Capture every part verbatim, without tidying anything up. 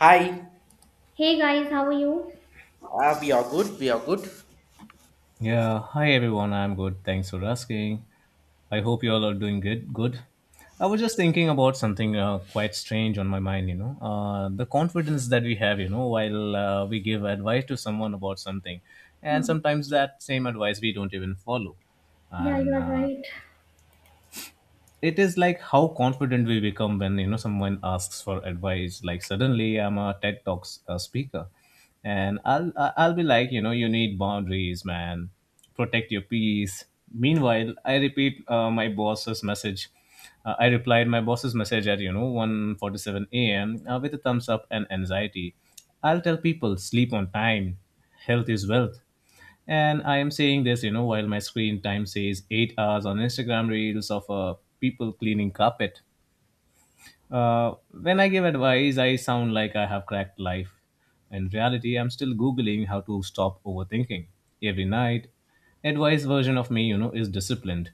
Hi, Hey guys, how are you? uh, we are good. We are good. Yeah, hi everyone. I'm good. Thanks for asking. I hope you all are doing good. Good. I was just thinking about something uh, quite strange on my mind. You know, uh, the confidence that we have. You know, while uh, we give advice to someone about something, and Hmm. sometimes that same advice we don't even follow, Yeah, you and are uh, right. it is like how confident we become when you know someone asks for advice. Like, suddenly I'm a TED Talks uh, speaker and i'll I- i'll be like, you know, you need boundaries, man. Protect your peace. Meanwhile, I repeat uh, my boss's message. uh, I replied my boss's message at, you know, one forty-seven a m uh, with a thumbs up and anxiety. I'll tell people sleep on time, health is wealth, and I am saying this, you know, while my screen time says eight hours on Instagram reels of uh, people cleaning carpet. Uh, when I give advice, I sound like I have cracked life. In reality, I'm still Googling how to stop overthinking. Every night, advice version of me, you know, is disciplined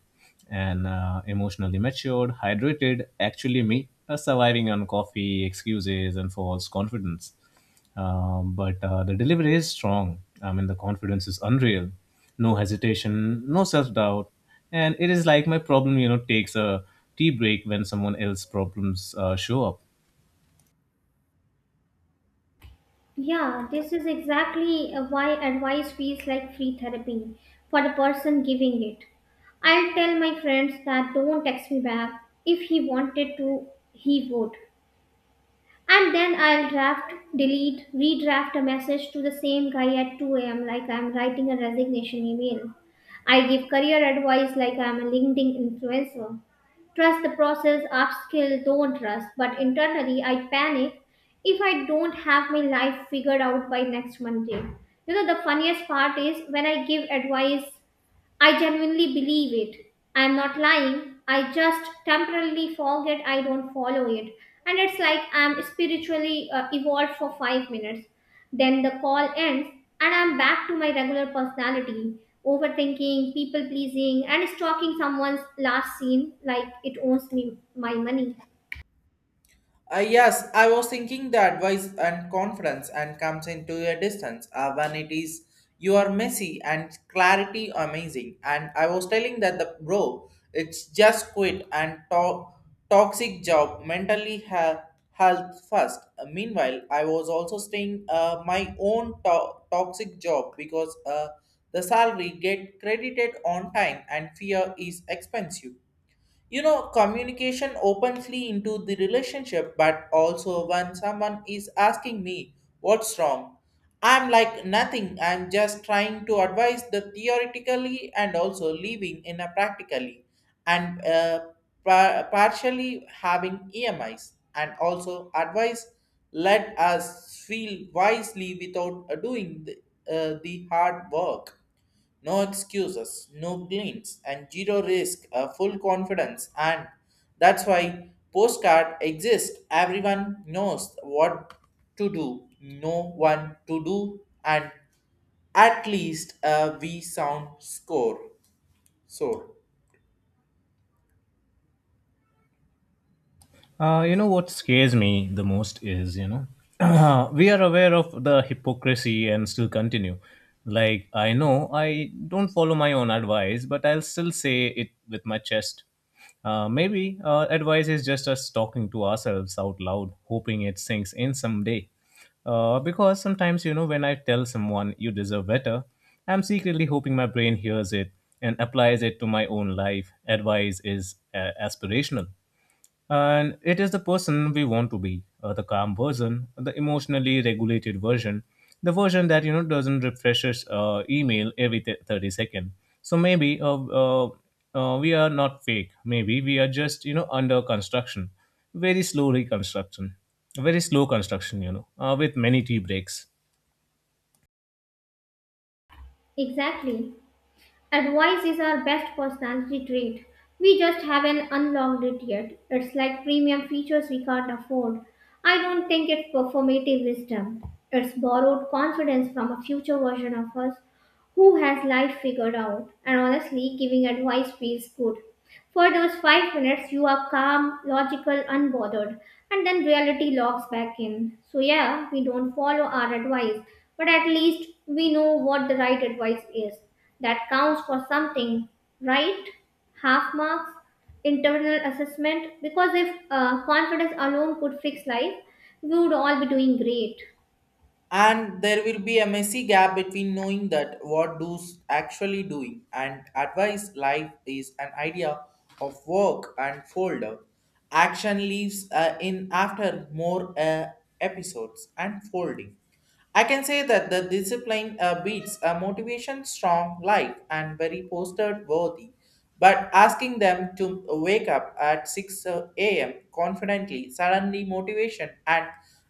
and uh, emotionally matured, hydrated, actually me, uh, surviving on coffee, excuses, and false confidence. Um, but uh, the delivery is strong. I mean, the confidence is unreal. No hesitation, no self doubt. And it is like my problem, you know, takes a tea break when someone else's problems uh, show up. Yeah, this is exactly uh, why advice feels like free therapy for the person giving it. I'll tell my friends that don't text me back. If he wanted to, he would. And then I'll draft, delete, redraft a message to the same guy at two a m like I'm writing a resignation email. I give career advice like I'm a LinkedIn influencer. Trust the process, upskill, don't trust. But internally, I panic if I don't have my life figured out by next Monday. You know, the funniest part is when I give advice, I genuinely believe it. I am not lying. I just temporarily forget I don't follow it. And it's like I'm spiritually uh, evolved for five minutes. Then the call ends, and I'm back to my regular personality, overthinking, people pleasing, and stalking someone's last scene like it owns me my money. Uh, yes, I was thinking the advice and confidence and comes into a distance uh, when it is you are messy and clarity amazing. And I was telling that the bro, it's just quit and to- toxic job mentally ha- health first. Uh, meanwhile, I was also staying uh, my own to- toxic job because uh, the salary get credited on time and fear is expensive, you know, communication openly into the relationship but also when someone is asking me what's wrong. I'm like nothing, I'm just trying to advise the theoretically and also living in a practically. And uh, par- partially having E M Is and also advice let us feel wisely without uh, doing the, uh, the hard work, no excuses, no glints, and zero risk, a full confidence, and that's why postcard exists. Everyone knows what to do, no one to do, and at least uh, we sound score. So. Uh, you know what scares me the most is, you know, we are aware of the hypocrisy and still continue. Like, I know I don't follow my own advice, but I'll still say it with my chest. Uh, maybe uh, advice is just us talking to ourselves out loud, hoping it sinks in someday. Uh, because sometimes, you know, when I tell someone you deserve better, I'm secretly hoping my brain hears it and applies it to my own life. Advice is uh, aspirational, and it is the person we want to be, uh, the calm version, the emotionally regulated version, the version that, you know, doesn't refresh its uh, email every th- thirty seconds. So maybe uh, uh, uh, we are not fake. Maybe we are just, you know, under construction, very slow reconstruction, very slow construction. You know, uh, with many tea breaks. Exactly. Advice is our best personality trait. We just haven't unlocked it yet. It's like premium features we can't afford. I don't think it's performative wisdom. It's borrowed confidence from a future version of us who has life figured out. And honestly, giving advice feels good. For those five minutes, you are calm, logical, unbothered, and then reality logs back in. So, yeah, we don't follow our advice, but at least we know what the right advice is. That counts for something, right? Half marks, internal assessment, because if uh, confidence alone could fix life, we would all be doing great. And there will be a messy gap between knowing that what do's actually doing, and advice life is an idea of work and folder action leaves uh, in after more uh, episodes and folding. I can say that the discipline uh, beats a motivation strong life and very posted worthy. But asking them to wake up at six a m confidently, suddenly motivation and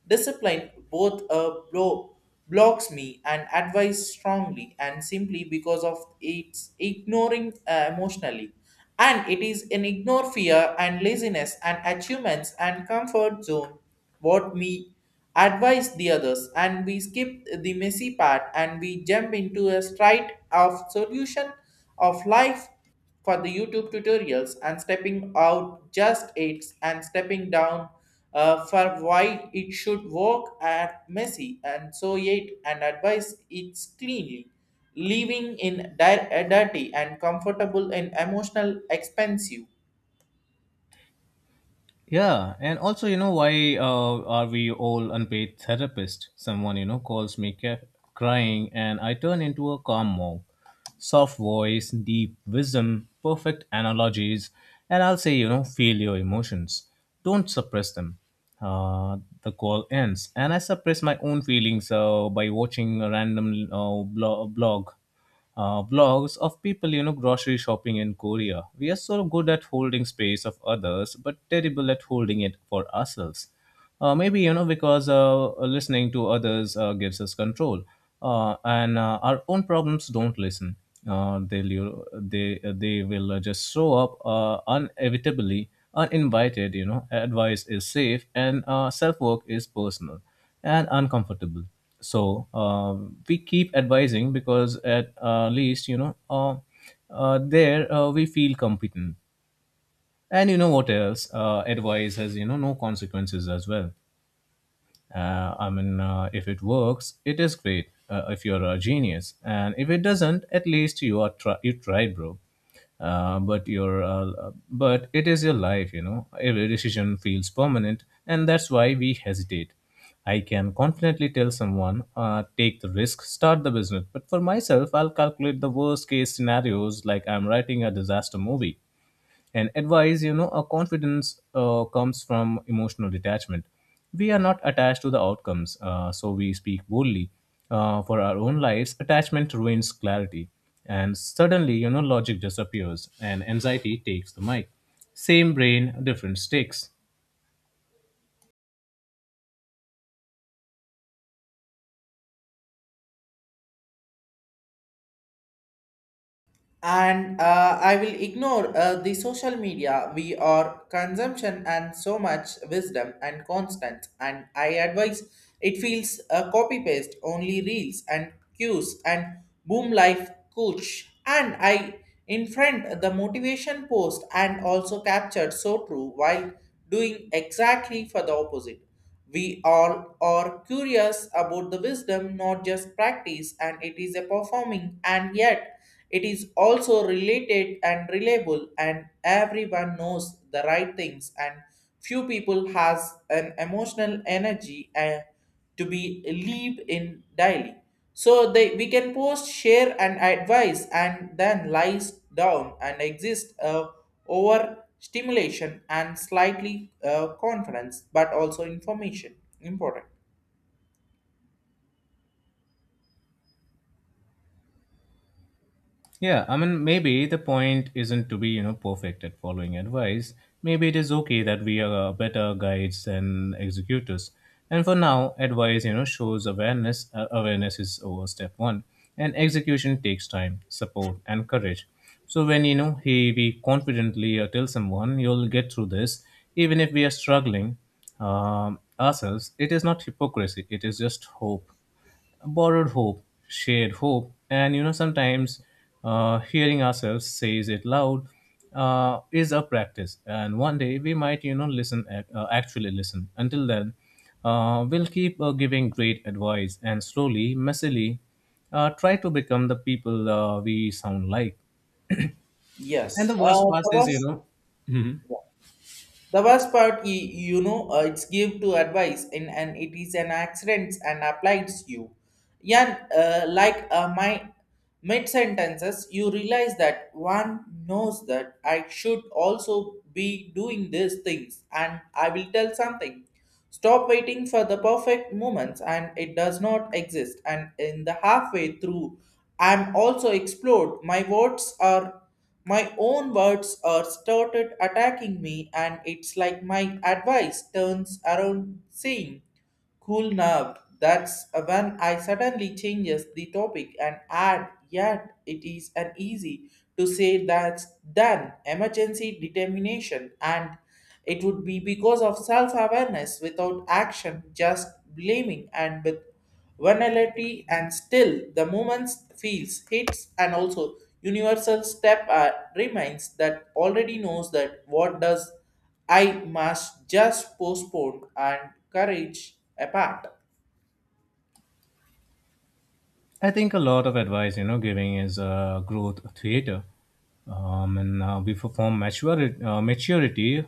discipline both uh, blow blocks me and advise strongly and simply because of its ignoring uh, emotionally. And it is an ignore fear and laziness and achievements and comfort zone. What me? Advise the others and we skip the messy part and we jump into a straight of solution of life for the YouTube tutorials and stepping out just it's and stepping down uh, for why it should work at messy and so it and advise it's cleanly living in di- dirty and comfortable and emotional expensive. Yeah, and also, you know, why uh, are we all unpaid therapists? Someone, you know, calls me ca- crying, and I turn into a calm monk. Soft voice, deep wisdom, perfect analogies, and I'll say, you know, feel your emotions. Don't suppress them. Uh, the call ends, and I suppress my own feelings uh, by watching a random uh, blo- blog uh, vlogs of people, you know, grocery shopping in Korea. We are so good at holding space of others, but terrible at holding it for ourselves. Uh, maybe, you know, because uh, listening to others uh, gives us control, uh, and uh, our own problems don't listen. Uh, they'll, you- they, they will uh, just show up, uh, inevitably, uninvited. You know, advice is safe, and uh, self work is personal and uncomfortable. So um, we keep advising because at uh, least you know uh, uh, there uh, we feel competent. And you know what else? Uh, advice has, you know, no consequences as well. uh, I mean, uh, if it works, it is great. Uh, if you're a genius. And if it doesn't, at least you are try- you tried, bro. Uh, but your uh, uh, but it is your life, you know. Every decision feels permanent, and that's why we hesitate. I can confidently tell someone, uh, take the risk, start the business. But for myself, I'll calculate the worst case scenarios like I'm writing a disaster movie. And advice, you know, a confidence uh, comes from emotional detachment. We are not attached to the outcomes, uh, so we speak boldly. Uh, for our own lives, attachment ruins clarity, and suddenly, you know, logic disappears and anxiety takes the mic. Same brain, different stakes. And uh, I will ignore uh, the social media we are consumption and so much wisdom and constant and I advise. It feels uh, copy paste only reels and cues and boom life coach, and I in front the motivation post and also captured so true while doing exactly for the opposite. We all are curious about the wisdom, not just practice, and it is a performing, and yet it is also related and reliable, and everyone knows the right things, and few people has an emotional energy. Uh, to be lived in daily. So they we can post, share, and advise, and then lies down and exist uh, over stimulation and slightly uh, confidence, but also information important. Yeah, I mean, maybe the point isn't to be, you know, perfect at following advice. Maybe it is okay that we are uh, better guides than executors. And for now, advice, you know, shows awareness. Uh, awareness is over step one, and execution takes time, support, and courage. So when, you know, he we confidently uh, tell someone, "You'll get through this," even if we are struggling um, ourselves, it is not hypocrisy. It is just hope, borrowed hope, shared hope. And you know, sometimes uh, hearing ourselves says it loud uh, is a practice. And one day we might, you know, listen ac- uh, actually listen. Until then, uh, we'll keep uh, giving great advice and slowly, messily, uh, try to become the people uh, we sound like. And Yes, the uh, worst part the is, you worst, know, yeah. The worst part, you, you know, uh, it's give to advice, and and it is an accident and applies you. Yeah, uh, like uh, my mid sentences, you realize that one knows that I should also be doing these things, and I will tell something. Stop waiting for the perfect moments and it does not exist. And in the halfway through, I'm also explored. My words are my own words are started attacking me, and it's like my advice turns around saying, "Cool nerve." That's when I suddenly changes the topic and add yet it is an easy to say that's done emergency determination, and it would be because of self-awareness without action just blaming and with vulnerability and still the moment feels hits and also universal step uh, reminds that already knows that what does I must just postpone and courage apart. I think a lot of advice, you know, giving is uh, growth theater. Um, and uh, we perform maturity, uh, maturity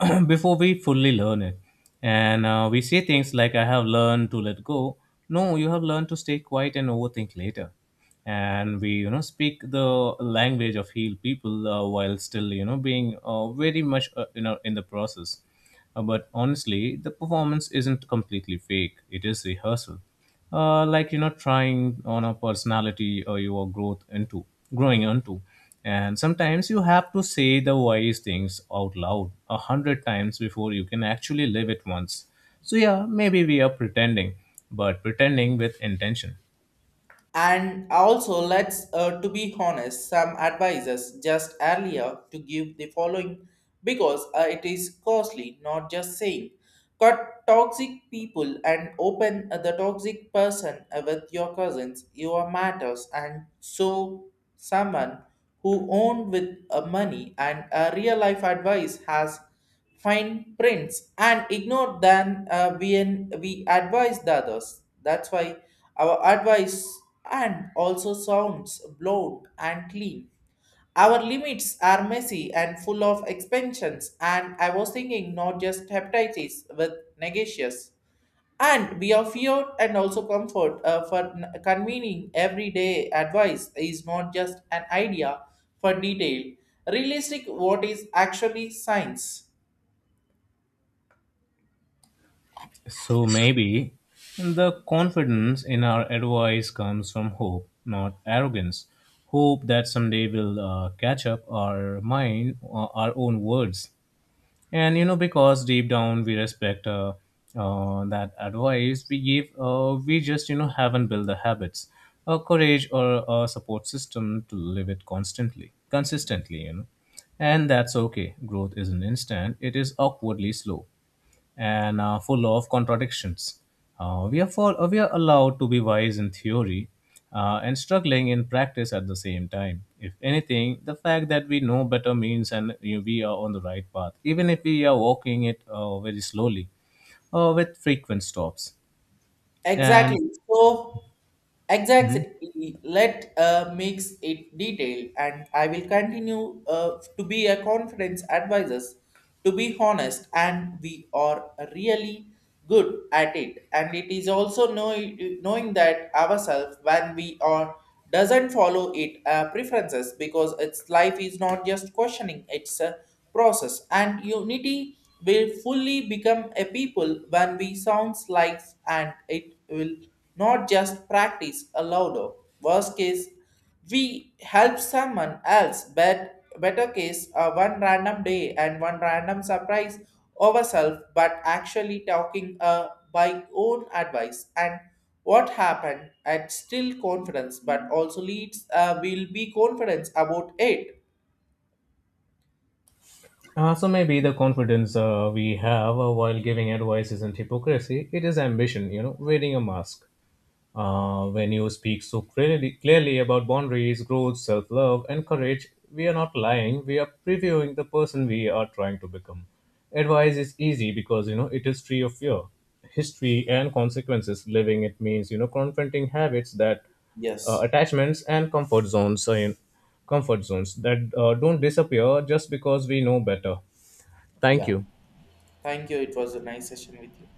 before we fully learn it. And uh, we say things like, I have learned to let go. No, you have learned to stay quiet and overthink later. And we, you know, speak the language of healed people uh, while still, you know, being uh, very much, uh, you know, in the process. Uh, but honestly, the performance isn't completely fake. It is rehearsal, uh, like, you know, trying on a personality or your growth into growing into. And sometimes you have to say the wise things out loud a hundred times before you can actually live it once. So yeah, maybe we are pretending, but pretending with intention. And also, let's uh, to be honest, some advisors just earlier to give the following because uh, it is costly, not just saying cut toxic people and open the toxic person with your cousins, your matters, and so someone who owned with uh, money and a real life advice has fine prints and ignore than uh, we we advise the others. That's why our advice and also sounds blown and clean, our limits are messy and full of expansions, and I was thinking not just hepatitis with negations. And we are feared and also comfort uh, for n- convening everyday advice is not just an idea for detail. Realistic, what is actually science? So maybe the confidence in our advice comes from hope, not arrogance. Hope that someday we'll uh, catch up our mind, uh, our own words. And you know, because deep down we respect uh, uh, that advice we give, uh, we just, you know, haven't built the habits, or courage, or a support system to live it constantly, consistently. You know, and that's okay. Growth isn't instant; it is awkwardly slow and uh, full of contradictions. Uh, we, are for, uh, we are allowed to be wise in theory uh, and struggling in practice at the same time. If anything, the fact that we know better means, and you know, we are on the right path, even if we are walking it uh, very slowly or with frequent stops. Exactly. And So, Mhm. exactly. Let uh, mix it detail, and I will continue uh, to be a confidence advisor. To be honest, and we are really good at it. And it is also know, knowing that ourselves when we are doesn't follow it uh, preferences because its life is not just questioning, it's a process and unity will fully become a people when we sounds life and it will not just practice a louder worst case. We help someone else, but better case uh, one random day and one random surprise ourselves but actually talking uh, by own advice and what happened and still confidence but also leads uh, will be confidence about it. Uh, so maybe the confidence uh, we have uh, while giving advice isn't hypocrisy; it is ambition. You know, wearing a mask. Uh, when you speak so clearly, clearly about boundaries, growth, self love, and courage, we are not lying, we are previewing the person we are trying to become. Advice is easy because, you know, it is free of fear, history, and consequences. Living it means, you know, confronting habits that uh, Yes. attachments and comfort zones uh, in comfort zones that uh, don't disappear just because we know better. Thank Yeah, you. thank you. It was a nice session with you.